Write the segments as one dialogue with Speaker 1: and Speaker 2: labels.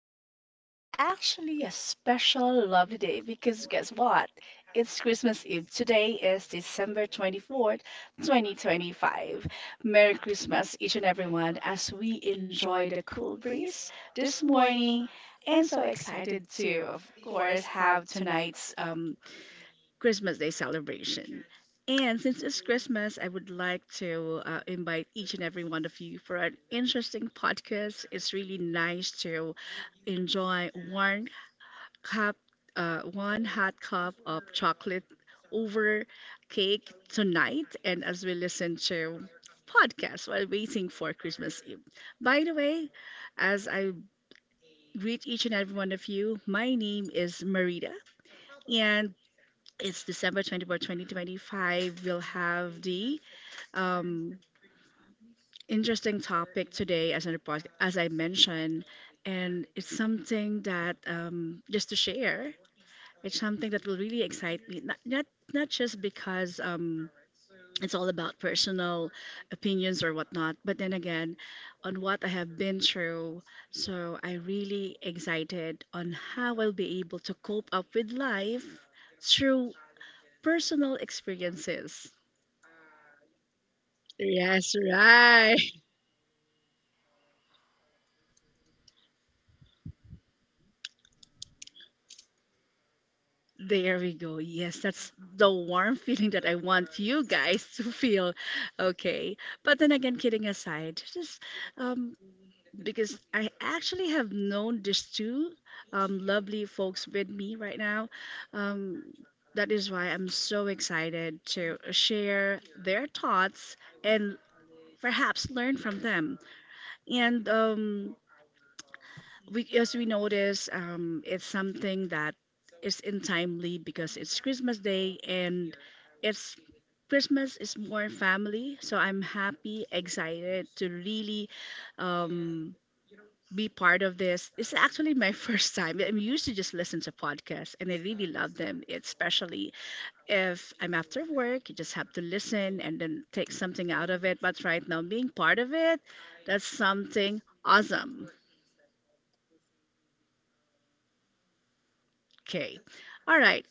Speaker 1: day. It's actually a special, lovely day because guess what? It's Christmas Eve. Today is December 24th, 2025. Merry Christmas, each and everyone, as we enjoy the cool breeze this morning. And so excited to, of course, have tonight's Christmas Day celebration. And since it's Christmas, I would like to invite each and every one of you for an interesting podcast. It's really nice to enjoy one cup, one hot cup of chocolate over cake tonight, and as we listen to podcasts while waiting for Christmas Eve. By the way, as I greet each and every one of you, my name is Marita, and it's December 24th, 2025. We'll have the um, interesting topic today, as I mentioned, and it's something that just to share. It's something that will really excite me. Not just because it's all about personal opinions or whatnot. But then again, on what I have been through, so I really excited on how I'll be able to cope up with life through personal experiences. Yes, right. There we go. Yes, that's the warm feeling that I want you guys to feel. Okay. But then again, kidding aside, just um, because I actually have known these two lovely folks with me right now. Um, that is why I'm so excited to share their thoughts and perhaps learn from them. And we, as we notice, it's something that is in timely because it's Christmas Day and it's Christmas is more family, so I'm happy, excited to really um, be part of this. It's actually my first time. I'm used to just listen to podcasts, and I really love them, especially if I'm after work, you just have to listen and then take something out of it. But right now, being part of it, that's something awesome. Okay. All right.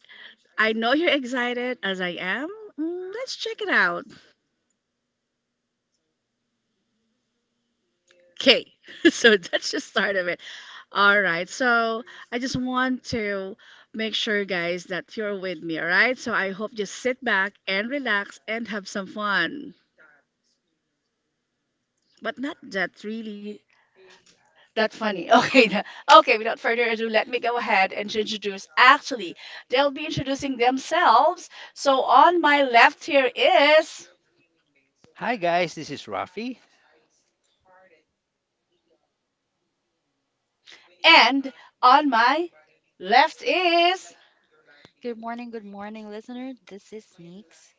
Speaker 1: I know you're excited as I am. Mm, let's check it out. Okay, so that's just start of it. All right, so I just want to make sure, guys, that you're with me. All right, so I hope you sit back and relax and have some fun, but not that really that funny. Okay. Without further ado, let me go ahead and to introduce. Actually, they'll be introducing themselves. So on my left here is,
Speaker 2: Hi guys, this is Rafi.
Speaker 1: and on my left is.
Speaker 3: Good morning, listener. This is Neeks.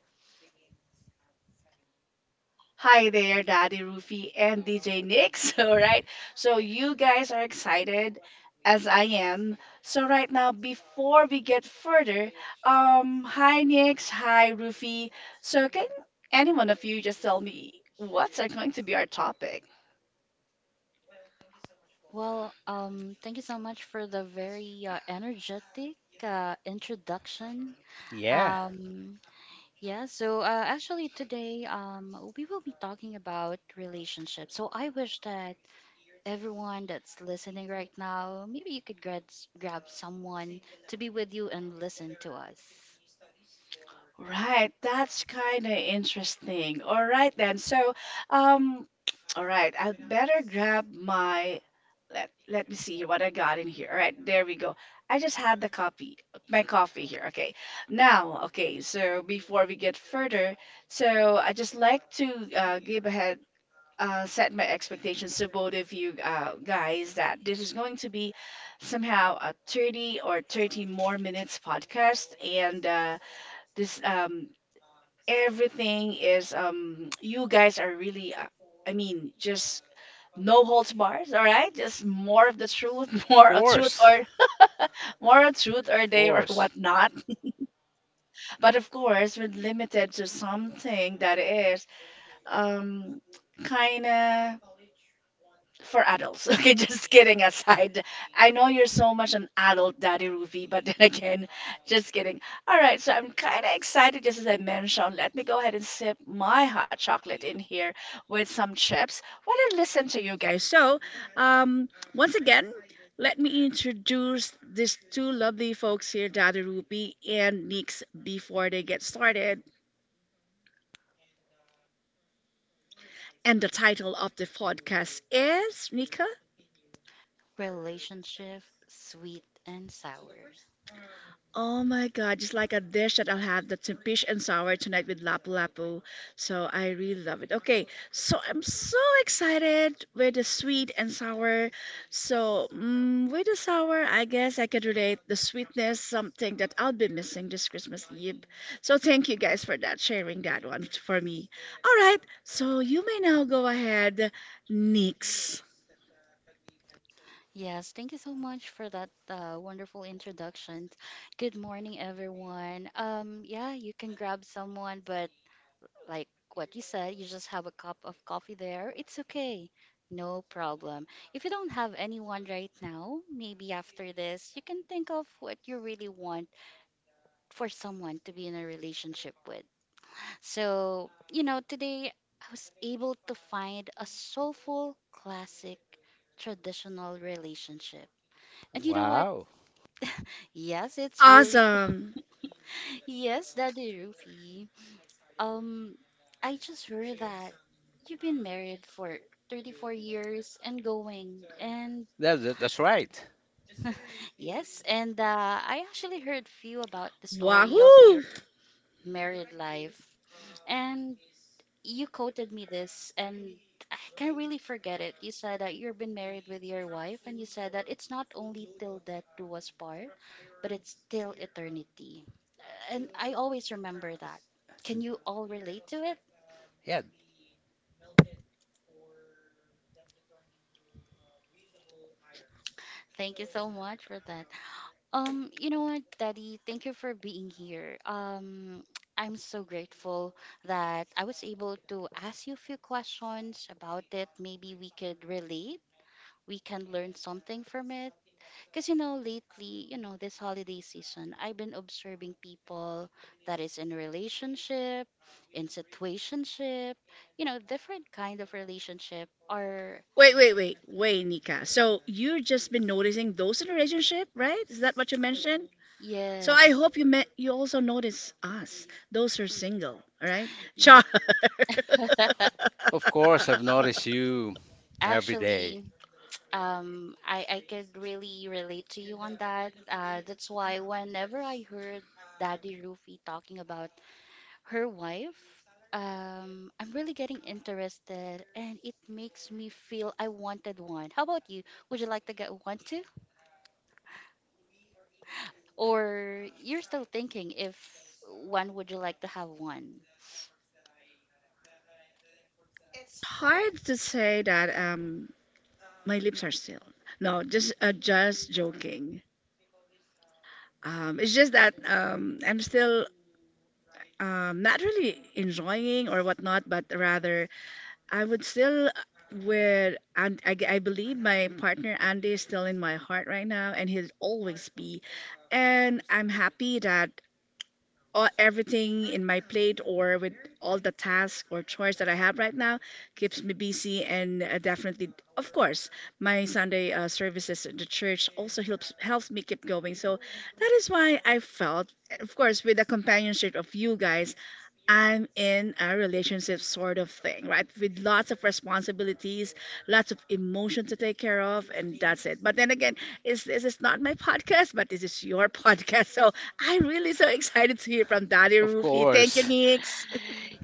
Speaker 1: Hi there, Daddy Rufy and DJ Nix. All right. So, you guys are excited as I am. So, right now, before we get further, hi Nix, hi Rufy. So, can any one of you just tell me what's are going to be our topic?
Speaker 3: Thank you so much for the very energetic introduction.
Speaker 2: Yeah,
Speaker 3: Um, yeah, so actually today we will be talking about relationships. So I wish that everyone that's listening right now, maybe you could grab someone to be with you and listen to us.
Speaker 1: Right. That's kind of interesting. All right, then. So, um, all right, I'd better grab my let me see here what I got in here. All right, there we go. I just had the copy, my coffee here. Okay, now okay. So before we get further, so I just like to give ahead set my expectations to both of you guys that this is going to be somehow a 30 or 30 more minutes podcast and this everything is you guys are really I mean just no holds bars, all right, just more of the truth,
Speaker 2: of
Speaker 1: more of truth
Speaker 2: course,
Speaker 1: or more of truth or
Speaker 2: of
Speaker 1: day or
Speaker 2: course.
Speaker 1: whatnot, but of course we're limited to something that is um, kind of for adults. Okay, just kidding aside. I know you're so much an adult, Daddy Ruby, but then again, just kidding. All right, so I'm kind of excited, just as I mentioned. Let me go ahead and sip my hot chocolate in here with some chips while I listen to you guys. So, um, once again, let me introduce these two lovely folks here, Daddy Ruby and Nix, before they get started. And the title of the podcast is Nika.
Speaker 3: Relationship, sweet and sour.
Speaker 1: Oh my God, just like a dish that I'll have the in fish and sour tonight with lapu lapu. So I really love it. Okay, so I'm so excited with the sweet and sour. So mm, with the sour, I guess I could relate the sweetness, something that I'll be missing this Christmas Eve. So thank you guys for that, sharing that one for me. All right, so you may now go ahead, Nix.
Speaker 3: Yes, thank you so much for that wonderful introduction. Good morning, everyone. Yeah, you can grab someone, but like what you said, you just have a cup of coffee there. It's okay. No problem. If you don't have anyone right now, maybe after this, you can think of what you really want for someone to be in a relationship with. So, you know, today I was able to find a soulful, classic, traditional relationship. And you know what?
Speaker 2: Wow,
Speaker 3: Yes, it's really
Speaker 1: Awesome.
Speaker 3: yes, Daddy Rufy. Um, I just heard that you've been married for 34 years and going, and
Speaker 2: that's right.
Speaker 3: yes, and I actually heard few about the story of
Speaker 1: Wahoo!
Speaker 3: your married life. And you quoted me this, and I can't really forget it. You said that you've been married with your wife, and you said that it's not only till death do us part, but it's till eternity. And I always remember that. Can you all relate to it?
Speaker 2: Yeah,
Speaker 3: Thank you so much for that. You know what, Daddy? Thank you for being here. I'm so grateful that I was able to ask you a few questions about it. Maybe we could relate we can learn something from it. Because, you know, lately, you know, this holiday season, I've been observing people that is in relationship, in situationship, you know, different kind of relationship are,
Speaker 1: Wait, wait, wait, wait, Nika. So you've just been noticing those in a relationship, right? Is that what you mentioned? So I, yes,
Speaker 3: yes,
Speaker 1: hope you met. You also notice us, those who are single, all right?
Speaker 3: y-
Speaker 1: Char.
Speaker 2: of course. I've noticed you every day.
Speaker 3: actually, I could really relate to you on that. That's why whenever I heard Daddy Rufy talking about her wife. I'm really getting interested, and it makes me feel I wanted one. How about you? Would you like to get one too? Or you're still thinking if when would you like to have one?
Speaker 1: Hard to say that. My lips are sealed. No, just joking. It's just that I'm still not really enjoying or whatnot, but rather I would still wear, and I believe my partner Andy is still in my heart right now, and he'll always be. And I'm happy that all, everything in my plate or with all the tasks or chores that I have right now keeps me busy. And definitely, of course, my Sunday services at the church also helps me keep going. So that is why I felt, of course, with the companionship of you guys, I'm in a relationship sort of thing, right? With lots of responsibilities, lots of emotion to take care of, and that's it. But then again, it's, this is not my podcast, but this is your podcast. So I'm really so excited to hear from Daddy Of
Speaker 2: Of
Speaker 1: Rufy. Thank you, course.
Speaker 2: course.
Speaker 1: Nix.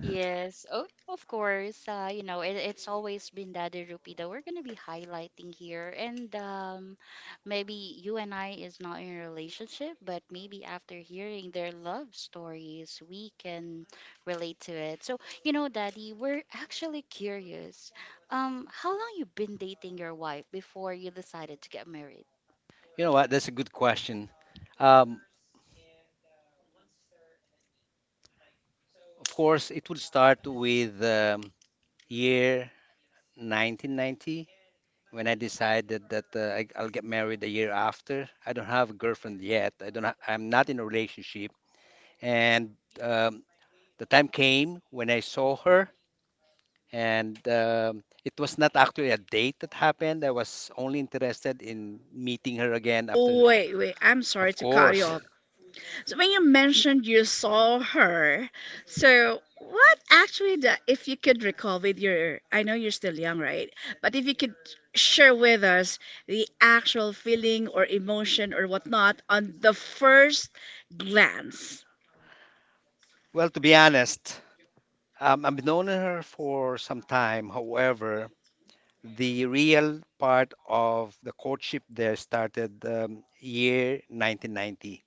Speaker 3: Yes, oh, of course. You know, it's always been Daddy Rupi that we're gonna be highlighting here, and maybe you and I is not in a relationship, but maybe after hearing their love stories, we can relate to it. So, you know, Daddy, we're actually curious. How long you been dating your wife before you decided to get married?
Speaker 2: You know what? That's a good question. Um, of course, it would start with year 1990 when I decided that I'll get married the year after. I don't have a girlfriend yet. I don't. I'm not in a relationship. And um, The time came when I saw her, and it was not actually a date that happened. I was only interested in meeting her again
Speaker 1: Oh,
Speaker 2: after,
Speaker 1: wait, wait. I'm sorry
Speaker 2: of
Speaker 1: Of to cut you
Speaker 2: course.
Speaker 1: course. Off. So when you mentioned you saw her, so what actually the if you could recall with your I know you're still young, right? But if you could share with us the actual feeling or emotion or whatnot on the first glance.
Speaker 2: Well, to be honest, I've known her for some time. However, the real part of the courtship there started year 1990.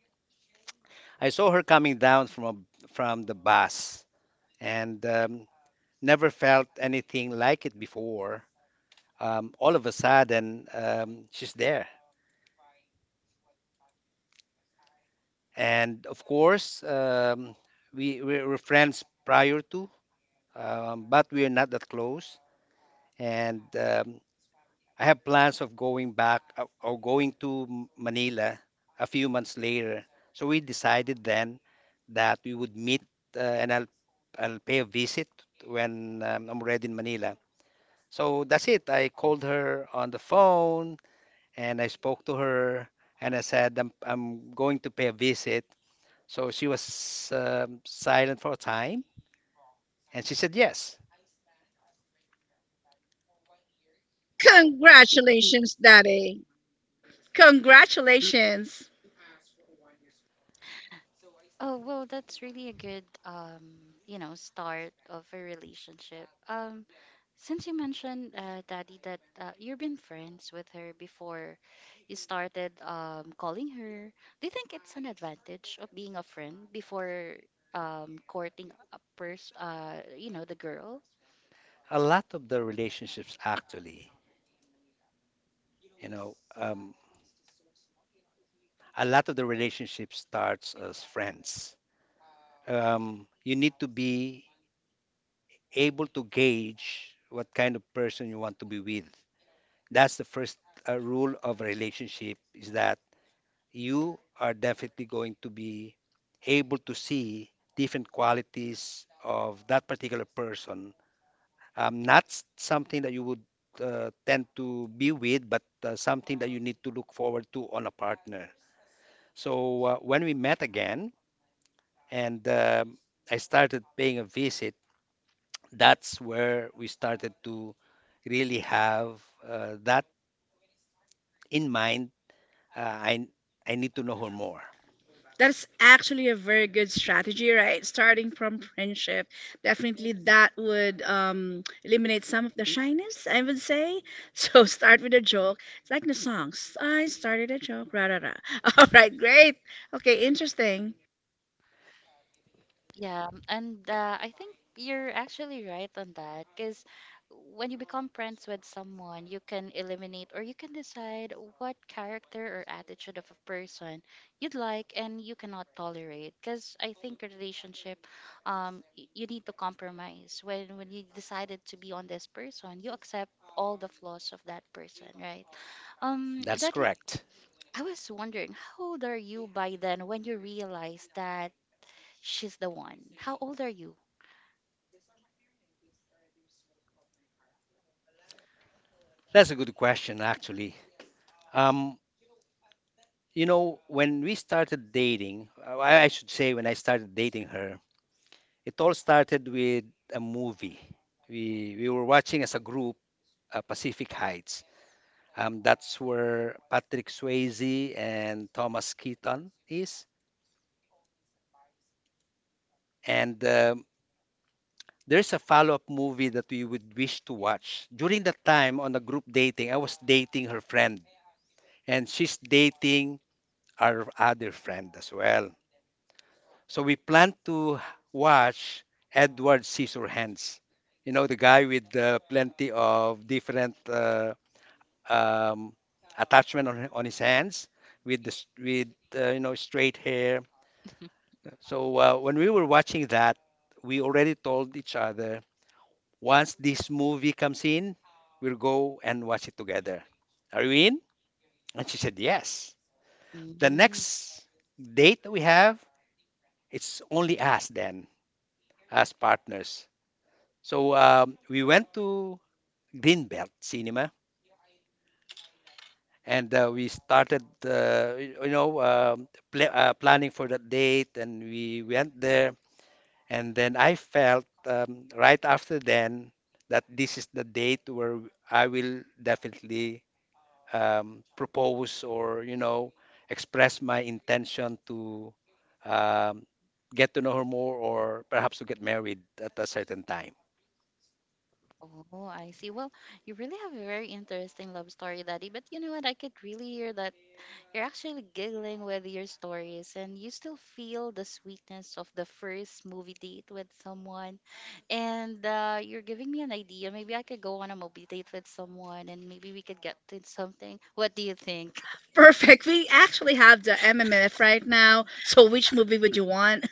Speaker 2: I saw her coming down from from the bus and never felt anything like it before. All of a sudden she's there, and of course we were friends prior to, but we're not that close, and I have plans of going back, or going to Manila a few months later. So we decided then that we would meet, and I'll pay a visit when I'm already in Manila. So that's it. I called her on the phone and I spoke to her and I said, I'm going to pay a visit. So she was silent for a time, and she said, yes.
Speaker 1: Congratulations, Daddy. Congratulations.
Speaker 3: Oh, well, that's really a good, you know, start of a relationship. Since you mentioned, Daddy, that you've been friends with her before you started calling her, do you think it's an advantage of being a friend before courting a person, you know, the girl?
Speaker 2: A lot of the relationships, actually, you know, a lot of the relationship starts as friends. You need to be able to gauge what kind of person you want to be with. That's the first rule of a relationship, is that you are definitely going to be able to see different qualities of that particular person. Not something that you would tend to be with, but something that you need to look forward to on a partner. So when we met again, and I started paying a visit, that's where we started to really have that in mind. Uh, I, I need to know her more.
Speaker 1: That's actually a very good strategy, right? Starting from friendship. Definitely that would eliminate some of the shyness, I would say. So start with a joke. It's like the songs. I started a joke. Rah, rah, rah. All right, great. Okay, interesting.
Speaker 3: Yeah, and I think you're actually right on that because when you become friends with someone, you can eliminate or you can decide what character or attitude of a person you'd like and you cannot tolerate. Because I think a relationship, you need to compromise. When you decided to be on this person, you accept all the flaws of that person, right? Um,
Speaker 2: That's
Speaker 3: that y-
Speaker 2: correct.
Speaker 3: I was wondering, how old are you by then when you realized that? She's the one. How old are you?
Speaker 2: That's a good question, actually. Um, you know, when we started dating, I should say when I started dating her, it all started with a movie. We were watching as a group, Pacific Heights. That's where Patrick Swayze and Thomas Keaton is. And there's a follow-up movie that we would wish to watch. During that time on the group dating, I was dating her friend, and she's dating our other friend as well. So we plan to watch Edward Scissorhands. You know, the guy with plenty of different um, attachment on his hands, with you know, straight hair. So when we were watching that, we already told each other, once this movie comes in, we'll go and watch it together. Are you in? And she said yes. The
Speaker 3: Mm,
Speaker 2: next date that we have, it's only us then, as partners. So we went to Greenbelt Cinema, and we started, you know, planning for that date, and we went there. And then I felt right after then that this is the date where I will definitely propose, or you know, express my intention to um, get to know her more, or perhaps to get married at a certain time.
Speaker 3: oh, I see. Well, you really have a very interesting love story, Daddy. But you know what? I could really hear that you're actually giggling with your stories and you still feel the sweetness of the first movie date with someone. And you're giving me an idea. Maybe I could go on a movie date with someone and maybe we could get to something. What do you think?
Speaker 1: Perfect. We actually have the MMF right now. So which movie would you want?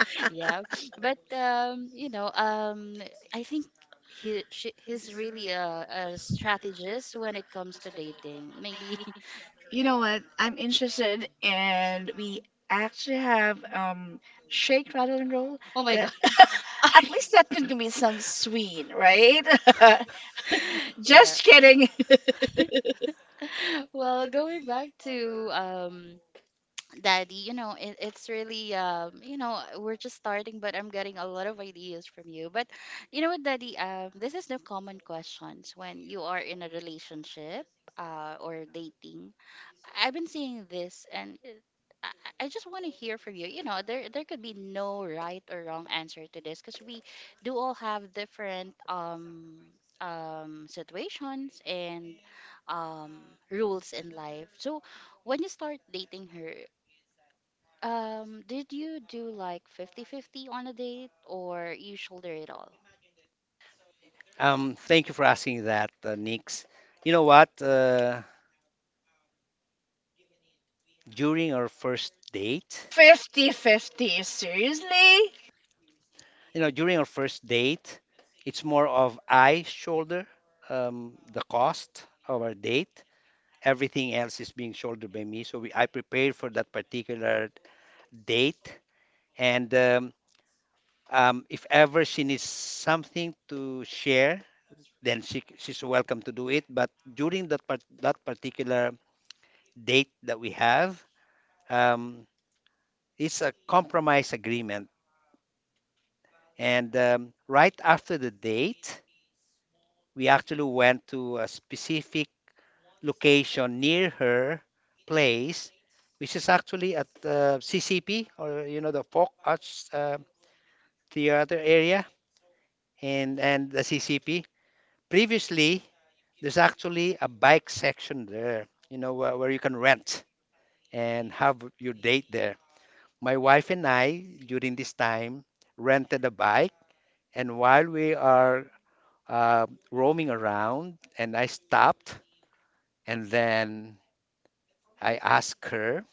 Speaker 3: Yeah. But You know, I think he's really a strategist when it comes to dating. Maybe
Speaker 1: You know what? I'm interested, and we actually have shake, rattle, and roll.
Speaker 3: oh my god.
Speaker 1: That god, at least that can be some sweet, right?
Speaker 3: Yeah.
Speaker 1: Just kidding.
Speaker 3: Well, going back to Daddy, you know, it's really you know, we're just starting, but I'm getting a lot of ideas from you. But you know what, Daddy, this is the common questions when you are in a relationship or dating I've been seeing this, and it, I, I just want to hear from you. You know, there could be no right or wrong answer to this because we do all have different situations and um rules in life. So when you start dating her, did you do like 50-50 on a date or you shoulder it all?
Speaker 2: Thank you for asking that, Nix. You know what? During our first date,
Speaker 1: 50-50. Seriously?
Speaker 2: you know, during our first date, it's more of, I shoulder the cost of our date. Everything else is being shouldered by me. So I prepared for that particular date. And if ever she needs something to share, then she's welcome to do it. But during that part, that particular date that we have, um, it's a compromise agreement. And right after the date, we actually went to a specific location near her place, which is actually at CCP, or you know, the Folk Arts Theater area, and the CCP. Previously, there's actually a bike section there, you know, where you can rent and have your date there. My wife and I during this time rented a bike, and while we are roaming around, and I stopped and then I asked her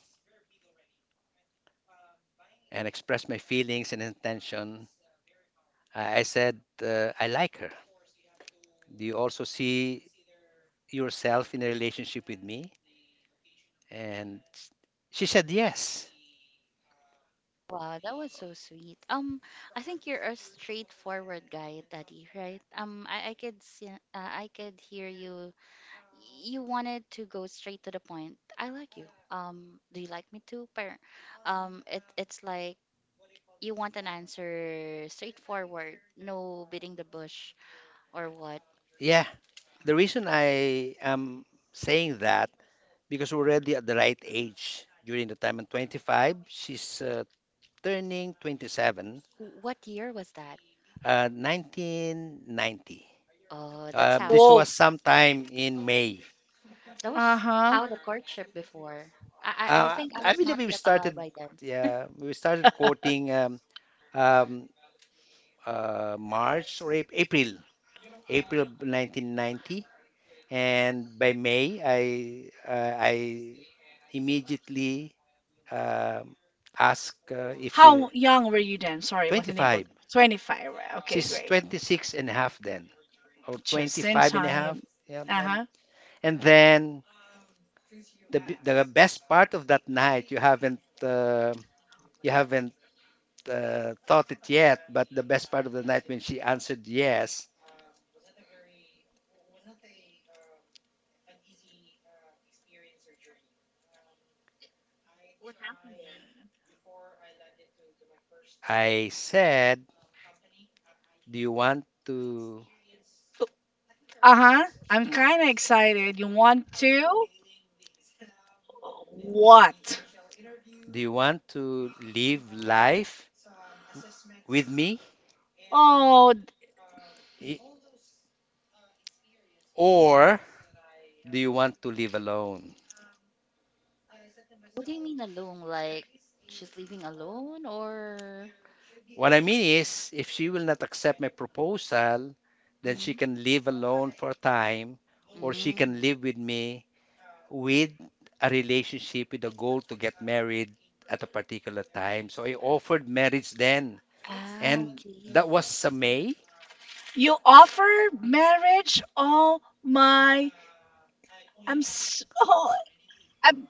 Speaker 2: and expressed my feelings and intention. I said, I like her. Do you also see yourself in a relationship with me? And she said, yes.
Speaker 3: Wow, that was so sweet. I think you're a straightforward guy, Daddy, right? I could see, I could hear you. You wanted to go straight to the point. I like you. Do you like me too? But, it's like you want an answer straightforward, no beating the bush or what.
Speaker 2: Yeah. The reason I am saying that, because we're already at the right age. During the time I'm 25, she's turning 27,
Speaker 3: What year was that?
Speaker 2: 1990.
Speaker 3: Oh, that's how.
Speaker 2: This was sometime in May.
Speaker 3: That was
Speaker 1: Uh-huh.
Speaker 3: how the courtship before. I think I
Speaker 2: I
Speaker 3: was
Speaker 2: believe
Speaker 3: not
Speaker 2: we
Speaker 3: yet alive
Speaker 2: started,
Speaker 3: by then.
Speaker 2: yeah, we started quoting um, March or April, April 1990, and by May, I immediately um asked if she.
Speaker 1: How young were you then? Sorry, wasn't able.
Speaker 2: 25.
Speaker 1: 25. Right? Okay,
Speaker 2: She's
Speaker 1: great.
Speaker 2: 26 and a half then, or twenty
Speaker 1: Just in
Speaker 2: five and a half.
Speaker 1: time.
Speaker 2: Yeah,
Speaker 1: Uh huh.
Speaker 2: and then the the best part of that night, you haven't. You haven't thought it yet, but the best part of the night, when she answered yes, I said, "Do you want to
Speaker 1: Uh huh. I'm kind of excited. You want to? What?
Speaker 2: live life with me,
Speaker 1: Oh,
Speaker 2: I- or do you want to live alone?"
Speaker 3: What do you mean alone? Like she's living alone or?
Speaker 2: What I mean is, if she will not accept my proposal, then she can
Speaker 3: Mm-hmm.
Speaker 2: live alone for a time, or she
Speaker 3: Mm.
Speaker 2: can live with me with a relationship with a goal to get married at a particular time. So I offered marriage then,
Speaker 3: Ah,
Speaker 2: and
Speaker 3: okay.
Speaker 2: that was May.
Speaker 1: you offer marriage? Oh my. I'm s oh, I'm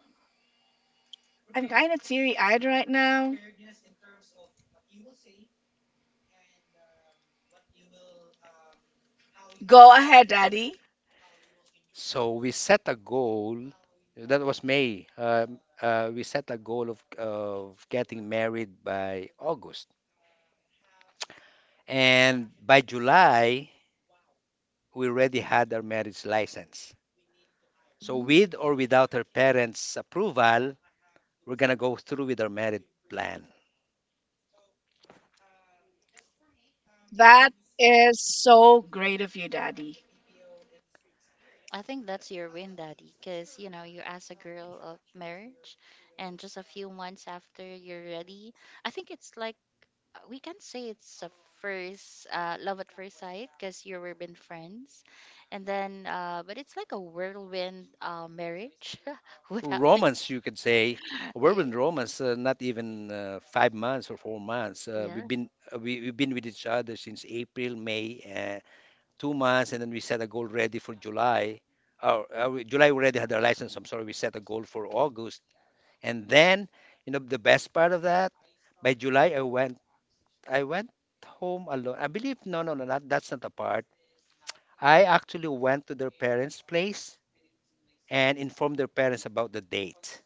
Speaker 1: I'm kind of teary-eyed right now. Go ahead, Daddy.
Speaker 2: So we set a goal. That was May. We set a goal of getting married by August, and by July we already had our marriage license. So
Speaker 3: Mm.
Speaker 2: with or without her parents' approval, we're gonna go through with our marriage plan.
Speaker 1: That is so great of you, Daddy.
Speaker 3: I think that's your win, Daddy, because you know you ask a girl of marriage, and just a few months after you're ready, I think it's like we can say it's a first love at first sight because you were been friends, and then but it's like a whirlwind marriage. What happened?
Speaker 2: Romance, you could say. We're
Speaker 3: Eh,
Speaker 2: in romance, not even 5 months or 4 months.
Speaker 3: yeah.
Speaker 2: We've been we've been with each other since April, May, 2 months, and then we set a goal ready for July. July we already had our license. I'm sorry, we set a goal for August, and then you know the best part of that, by July I went home alone. I believe no no no not, that's not the part. I actually went to their parents' place and informed their parents about the date.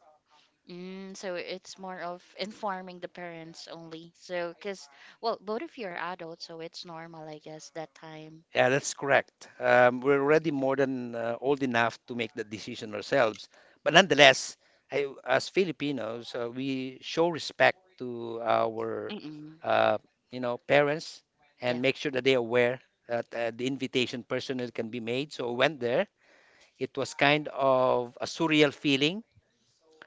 Speaker 3: Mm, so it's more of informing the parents only. So, because, well, both of you are adults, so it's normal, I guess, that time.
Speaker 2: Yeah, that's correct. We're already more than old enough to make the decision ourselves. But nonetheless, I, as Filipinos, we show respect to our,
Speaker 3: Mm-mm. Mm-mm.
Speaker 2: uh, you know, parents,
Speaker 3: Yeah.
Speaker 2: and make sure that they are aware that the invitation personally can be made. So I went there. It was kind of a surreal feeling.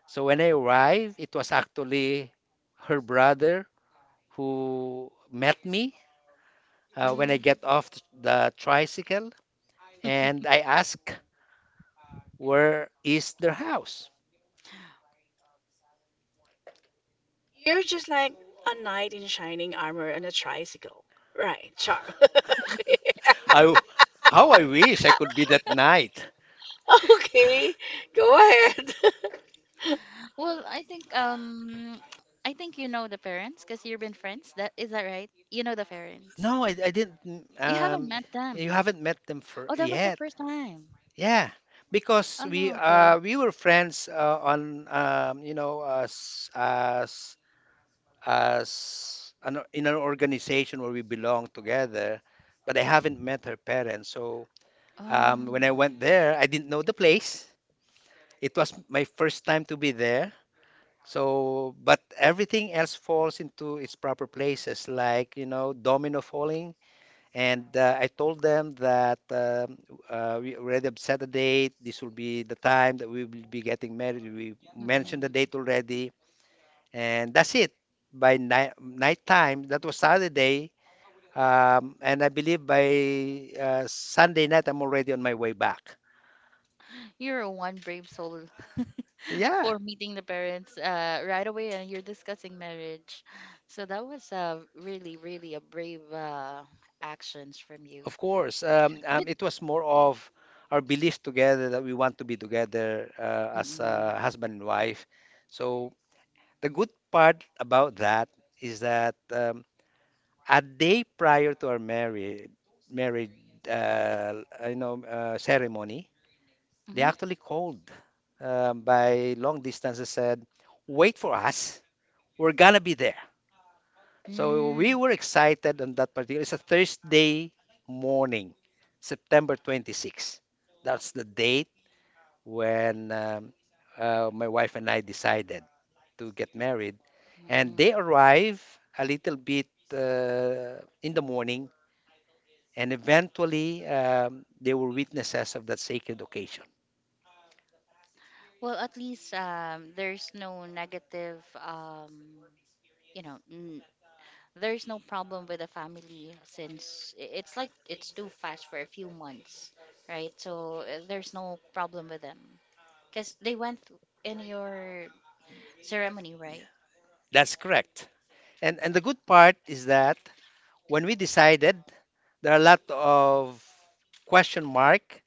Speaker 2: So when I arrived, it was actually her brother who met me when I
Speaker 3: Mm.
Speaker 2: get off the tricycle, and I asked, where is their house?
Speaker 1: You're just like a knight in shining armor on a tricycle. Right, Char. okay.
Speaker 2: I w- how I wish I could be that night.
Speaker 1: Okay, go ahead.
Speaker 3: Well, I think um I think you know the parents because you've been friends. That is that right? You know the parents.
Speaker 2: No, I didn't.
Speaker 3: You haven't met
Speaker 2: You
Speaker 3: them.
Speaker 2: haven't met them for
Speaker 3: Oh, that was the
Speaker 2: yet.
Speaker 3: first time.
Speaker 2: Yeah, because we
Speaker 3: Oh, okay.
Speaker 2: uh we were friends on, you know, in an organization where we belong together, but I haven't met her parents. So
Speaker 3: Oh,
Speaker 2: when I
Speaker 3: no.
Speaker 2: went there, I didn't know the place. It was my first time to be there. So, but everything else falls into its proper places, like, you know, domino falling. And I told them that we already have set a date. This will be the time that we will be getting married. We mentioned the
Speaker 3: Mm-mm.
Speaker 2: date already, and that's it. By nighttime, that was Saturday, and I believe by Sunday night, I'm already on my way back.
Speaker 3: You're one brave soul
Speaker 2: Yeah.
Speaker 3: for meeting the parents right away, and you're discussing marriage. So that was really, really a brave actions from you.
Speaker 2: Of course,
Speaker 3: But
Speaker 2: it was more of our belief together that we want to be together as
Speaker 3: mm-mm.
Speaker 2: a husband and wife. So the good part about that is that a day prior to our marriage, uh, you know, ceremony, they
Speaker 3: Hmm.
Speaker 2: actually called by long distance and said, "Wait for us. We're gonna be there." So we
Speaker 3: Mm.
Speaker 2: were excited on that particular. It's a Thursday morning, September 26. That's the date when my wife and I decided to get married. And they
Speaker 3: Mm.
Speaker 2: arrive a little bit in the morning, and eventually they were witnesses of that sacred occasion.
Speaker 3: Well, at least there's no negative, you know, n there's no problem with the family since it's like it's too fast for a few months, right? So there's no problem with them because they went in your ceremony, right?
Speaker 2: That's correct. And the good part is that when we decided, there are a lot of question mark,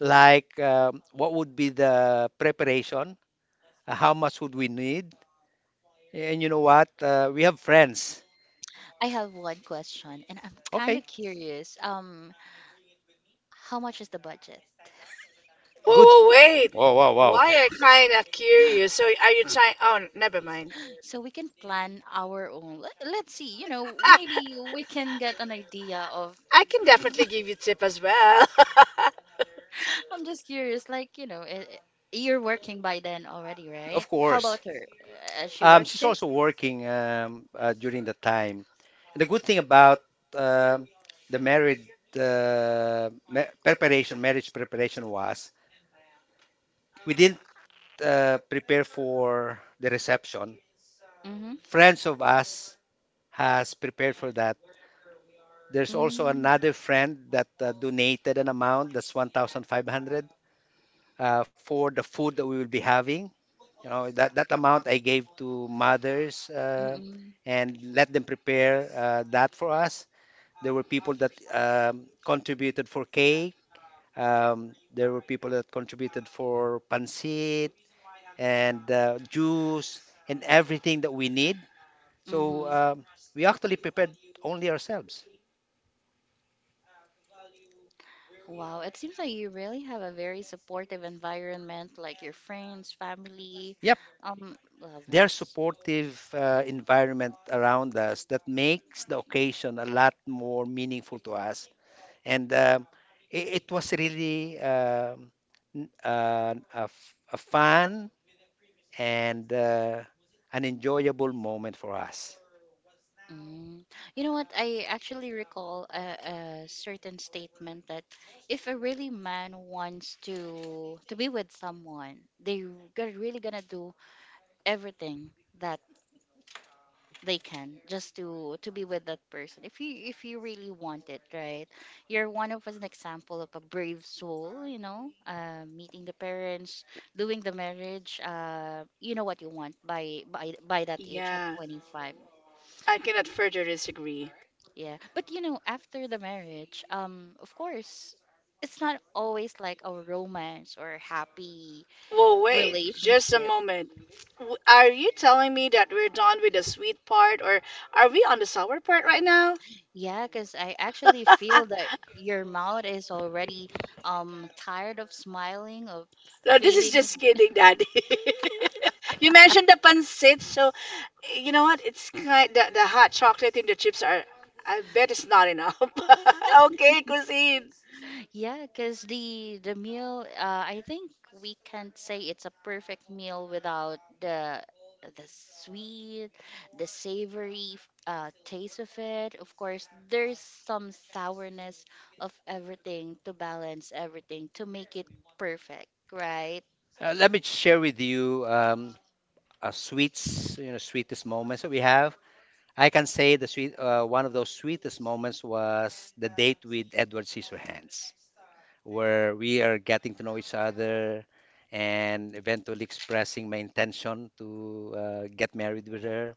Speaker 2: like what would be the preparation, uh, how much would we need, and you know what, we have friends.
Speaker 3: I have one question and I'm kind
Speaker 2: Okay,
Speaker 3: of curious. How much is the budget?
Speaker 1: Whoa,
Speaker 2: good.
Speaker 1: whoa, wait.
Speaker 2: Wow, wow, wow.
Speaker 1: Why I kind of curious. So are you trying? Oh, never mind.
Speaker 3: So we can plan our own. Let's see, you know, maybe we can get an idea of.
Speaker 1: I can definitely give you tip as well.
Speaker 3: I'm just curious, like, you know, you're working by then already, right?
Speaker 2: Of
Speaker 3: How
Speaker 2: course.
Speaker 3: about her? She worked
Speaker 2: She's
Speaker 3: too?
Speaker 2: also working during the time. And the good thing about um the preparation, marriage preparation was, we didn't prepare for the reception.
Speaker 3: Mm-hmm.
Speaker 2: Friends of us has prepared for that. There's also
Speaker 3: Mm.
Speaker 2: another friend that donated an amount that's 1,500, for the food that we will be having. You know, that amount I gave to mothers,
Speaker 3: Mm-mm.
Speaker 2: and let them prepare that for us. There were people that contributed for cake. There were people that contributed for pancit and juice and everything that we need. So
Speaker 3: Mm-hmm.
Speaker 2: um, we actually prepared only ourselves.
Speaker 3: Wow, it seems like you really have a very supportive environment, like your friends, family, loved
Speaker 2: Their
Speaker 3: ones.
Speaker 2: supportive environment around us that makes the occasion a lot more meaningful to us. And It was really a fun and an enjoyable moment for us.
Speaker 3: Mm. You know what? I actually recall a certain statement that if a really man wants to be with someone, they are really gonna do everything that they can just to be with that person. If you really want it, right? You're one of us an example of a brave soul. You know, meeting the parents, doing the marriage. You know what you want by that age at
Speaker 1: yeah,
Speaker 3: 25.
Speaker 1: I cannot further disagree.
Speaker 3: Yeah, but you know, after the marriage, of course, it's not always like a romance or happy
Speaker 1: Well, wait, just a
Speaker 3: relationship.
Speaker 1: moment. W- Are you telling me that we're done with the sweet part, or are we on the sour part right now?
Speaker 3: Yeah, because I actually feel that your mouth is already tired of smiling, of
Speaker 1: No, this is
Speaker 3: feeling.
Speaker 1: just kidding, Daddy. You mentioned the pancit, so you know what? It's kind the hot chocolate in the chips are. I bet it's not enough. Okay, cuisine.
Speaker 3: Yeah, because the meal, I think we can't say it's a perfect meal without the sweet, the savory taste of it. Of course, there's some sourness of everything to balance everything to make it perfect, right?
Speaker 2: Let me share with you a sweets, you know, sweetest moments that we have. I can say the sweet, one of those sweetest moments was the date with Edward Scissorhands, where we are getting to know each other and eventually expressing my intention to get married with her,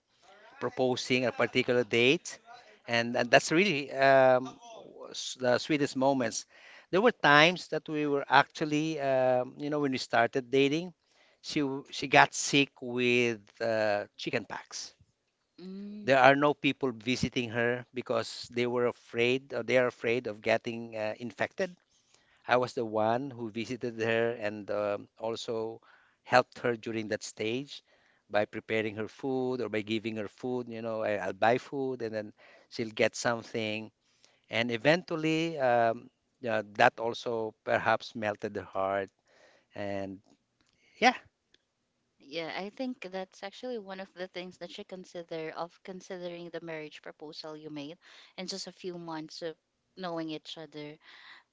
Speaker 2: proposing a particular date. And that's really the sweetest moments. There were times that we were actually, you know, when we started dating, she got sick with chicken pox.
Speaker 3: Mm.
Speaker 2: There are no people visiting her because they were afraid or they are afraid of getting infected. I was the one who visited her and also helped her during that stage by preparing her food or by giving her food. You know, I'll buy food and then she'll get something. And eventually, yeah, that also perhaps melted her heart. And yeah,
Speaker 3: Yeah, I think that's actually one of the things that you consider of considering the marriage proposal you made in just a few months of knowing each other.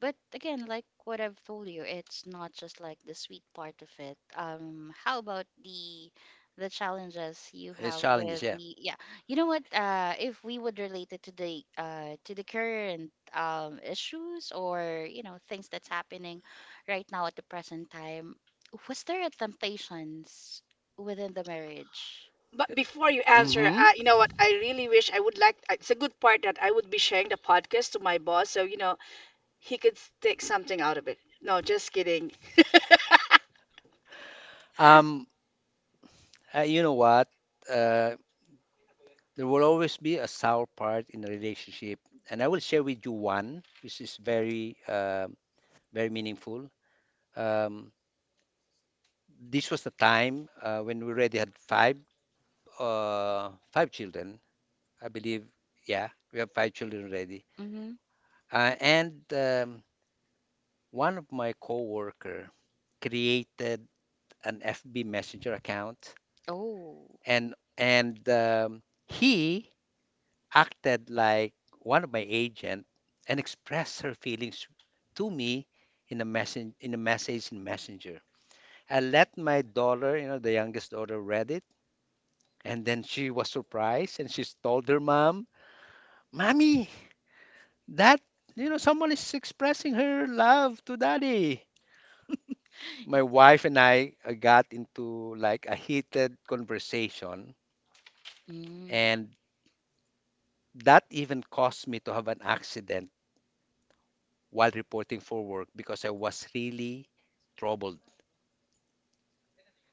Speaker 3: But again, like what I've told you, it's not just like the sweet part of it. How about the challenges you
Speaker 2: it's
Speaker 3: have
Speaker 2: challenges.
Speaker 3: with
Speaker 2: Yeah.
Speaker 3: the yeah. You know what? If we would relate it to the current issues or you know things that's happening right now at the present time, was there a temptations within the marriage?
Speaker 1: But before you answer,
Speaker 2: Hmm.
Speaker 1: you know what? I really wish I would like. It's a good part that I would be sharing the podcast to my boss, so you know he could s- take something out of it. No, just kidding.
Speaker 2: Um, you know what? Uh, There will always be a sour part in a relationship, and I will share with you one which is very, very meaningful. Um, this was the time when we already had five children, I believe. Yeah, we have five children already.
Speaker 3: Mm-hmm.
Speaker 2: And one of my coworker created an FB Messenger account,
Speaker 3: Oh.
Speaker 2: and he acted like one of my agent and expressed her feelings to me in a message in a message in messenger. I let my daughter, you know, the youngest daughter, read it, and then she was surprised and she told her mom, "Mommy, that, you know, someone is expressing her love to Daddy." My wife and I got into like a heated conversation,
Speaker 3: Mm.
Speaker 2: and that even caused me to have an accident while reporting for work because I was really troubled.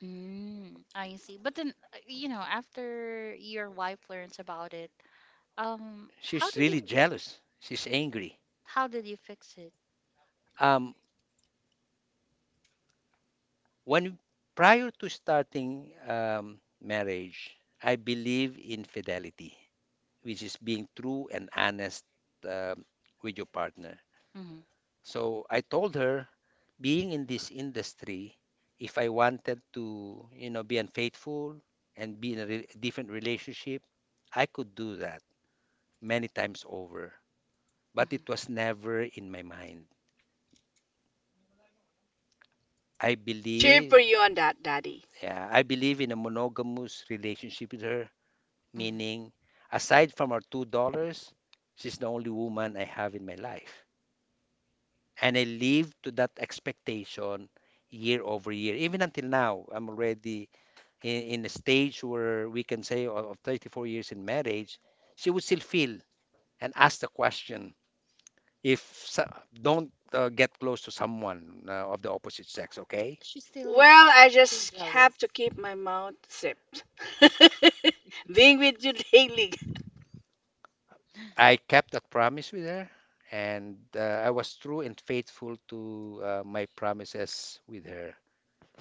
Speaker 3: Mm, I see. But then, you know, after your wife learns about it, um, how
Speaker 2: She's
Speaker 3: did
Speaker 2: really
Speaker 3: you
Speaker 2: jealous. She's angry.
Speaker 3: how did you fix it?
Speaker 2: Um, when prior to starting marriage, I believe in fidelity, which is being true and honest um with your partner.
Speaker 3: Mm-hmm.
Speaker 2: So I told her, being in this industry, if I wanted to, you know, be unfaithful and be in a different relationship, I could do that many times over, but it was
Speaker 3: Mm-hmm.
Speaker 2: never in my mind. I
Speaker 1: Cheer for
Speaker 2: believe,
Speaker 1: you on that, Daddy.
Speaker 2: yeah, I believe in a monogamous relationship with her,
Speaker 3: Mm-hmm.
Speaker 2: meaning aside from our $2, she's the only woman I have in my life. And I live to that expectation year over year. Even until now, I'm already in a stage where we can say of 34 years in marriage, she would still feel and ask the question if so- don't get close to someone of the opposite sex, okay?
Speaker 3: She's still
Speaker 1: Well, I
Speaker 3: feels
Speaker 1: just have
Speaker 3: jealous.
Speaker 1: to keep my mouth zipped. Being with you daily.
Speaker 2: I kept that promise with her, and I was true and faithful to my promises with her.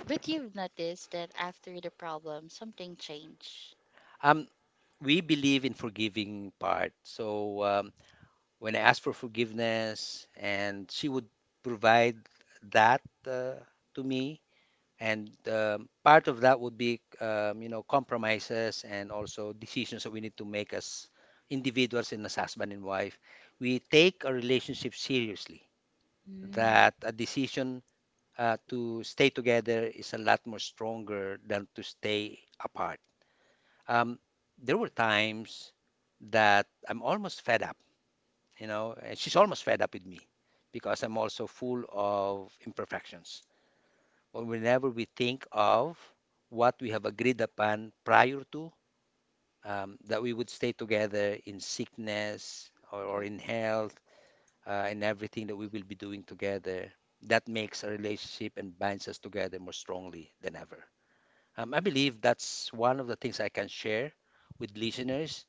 Speaker 3: But you've noticed that after the problem, something changed.
Speaker 2: Um, we believe in forgiving part. When I asked for forgiveness, and she would provide that to me, and part of that would be, you know, compromises and also decisions that we need to make as individuals and as husband and wife. We take our relationship seriously.
Speaker 3: Mm.
Speaker 2: That a decision to stay together is a lot more stronger than to stay apart. Um, there were times that I'm almost fed up, you know, and she's almost fed up with me because I'm also full of imperfections. But whenever we think of what we have agreed upon prior to, that we would stay together in sickness or
Speaker 3: Mm.
Speaker 2: in health and everything that we will be doing together, that makes a relationship and binds us together more strongly than ever. I believe that's one of the things I can share with listeners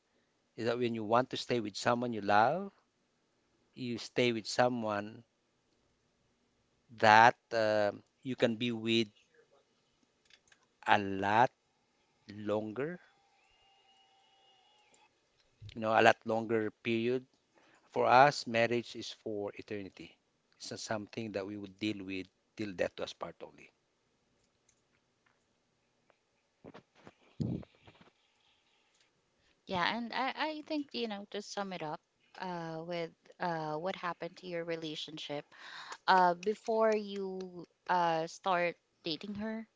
Speaker 2: is that when you want to stay with someone you love, you stay with someone that you can be with a lot longer, you know, a lot longer period. For us, marriage is for eternity. It's not something that we would deal with till death do us part only.
Speaker 3: Yeah, and I think, you know, to sum it up with what happened to your relationship, before you start dating her,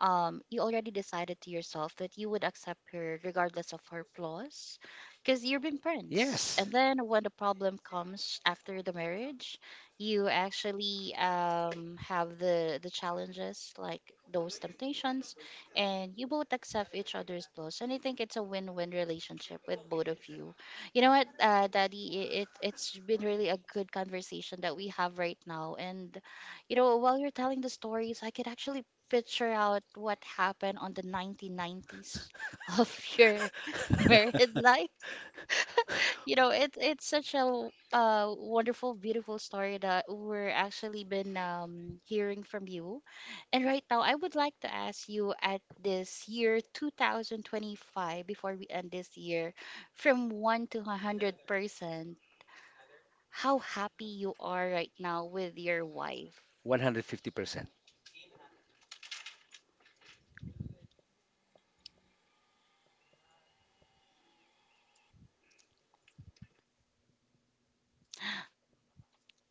Speaker 3: you already decided to yourself that you would accept her regardless of her flaws because you've been friends. And
Speaker 2: Yes,
Speaker 3: then when the problem comes after the marriage, you actually have the challenges, like those temptations, and you both accept each other's flaws. And I think it's a win win relationship with both of you. You know what, Daddy, it's been really a good conversation that we have right now. And you know, while you're telling the stories, I could actually picture out what happened on the 1990s of your married life. You know, it's such a wonderful, beautiful story that we're actually been hearing from you. And right now, I would like to ask you at this year 2025, before we end this year, from 1 to 100%, how happy you are right now with your wife.
Speaker 2: 150%.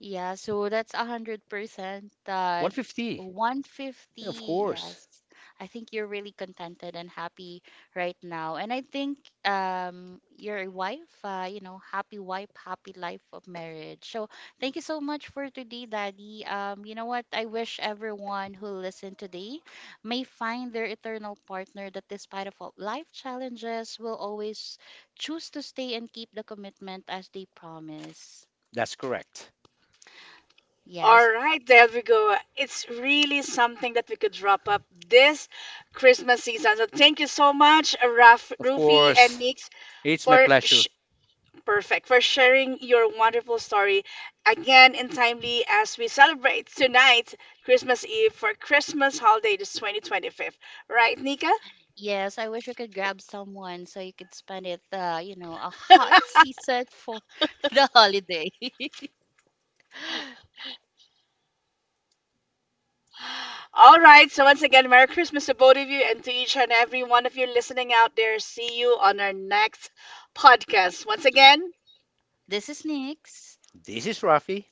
Speaker 3: Yeah, so that's 100%.
Speaker 2: 150, of
Speaker 3: 150,
Speaker 2: course.
Speaker 3: yes. I think you're really contented and happy right now. And I think your wife, you know, happy wife, happy life of marriage. So thank you so much for today, Daddy. You know what? I wish everyone who listened today may find their eternal partner that despite of all life challenges will always choose to stay and keep the commitment as they promise.
Speaker 2: That's correct.
Speaker 1: All
Speaker 3: Yes.
Speaker 1: right, there we go. It's really something that we could wrap up this Christmas season. So thank you so much, Raf, Of
Speaker 2: Of
Speaker 1: Rufi, and course.
Speaker 2: course,
Speaker 1: Nix,
Speaker 2: it's my
Speaker 1: for
Speaker 2: pleasure.
Speaker 1: sh- perfect for sharing your wonderful story again in timely as we celebrate tonight, Christmas Eve for Christmas holiday, this 2025. Right, Nika?
Speaker 3: Yes, I wish I could grab someone so you could spend it, you know, a hot season for the holiday.
Speaker 1: All right. So once again, Merry Christmas to both of you and to each and every one of you listening out there. See you on our next podcast. Once again,
Speaker 3: This is Nyx.
Speaker 2: This is Rafi,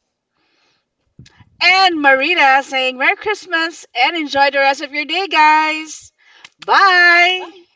Speaker 1: and Marita saying Merry Christmas and enjoy the rest of your day, guys. Bye.
Speaker 3: Bye.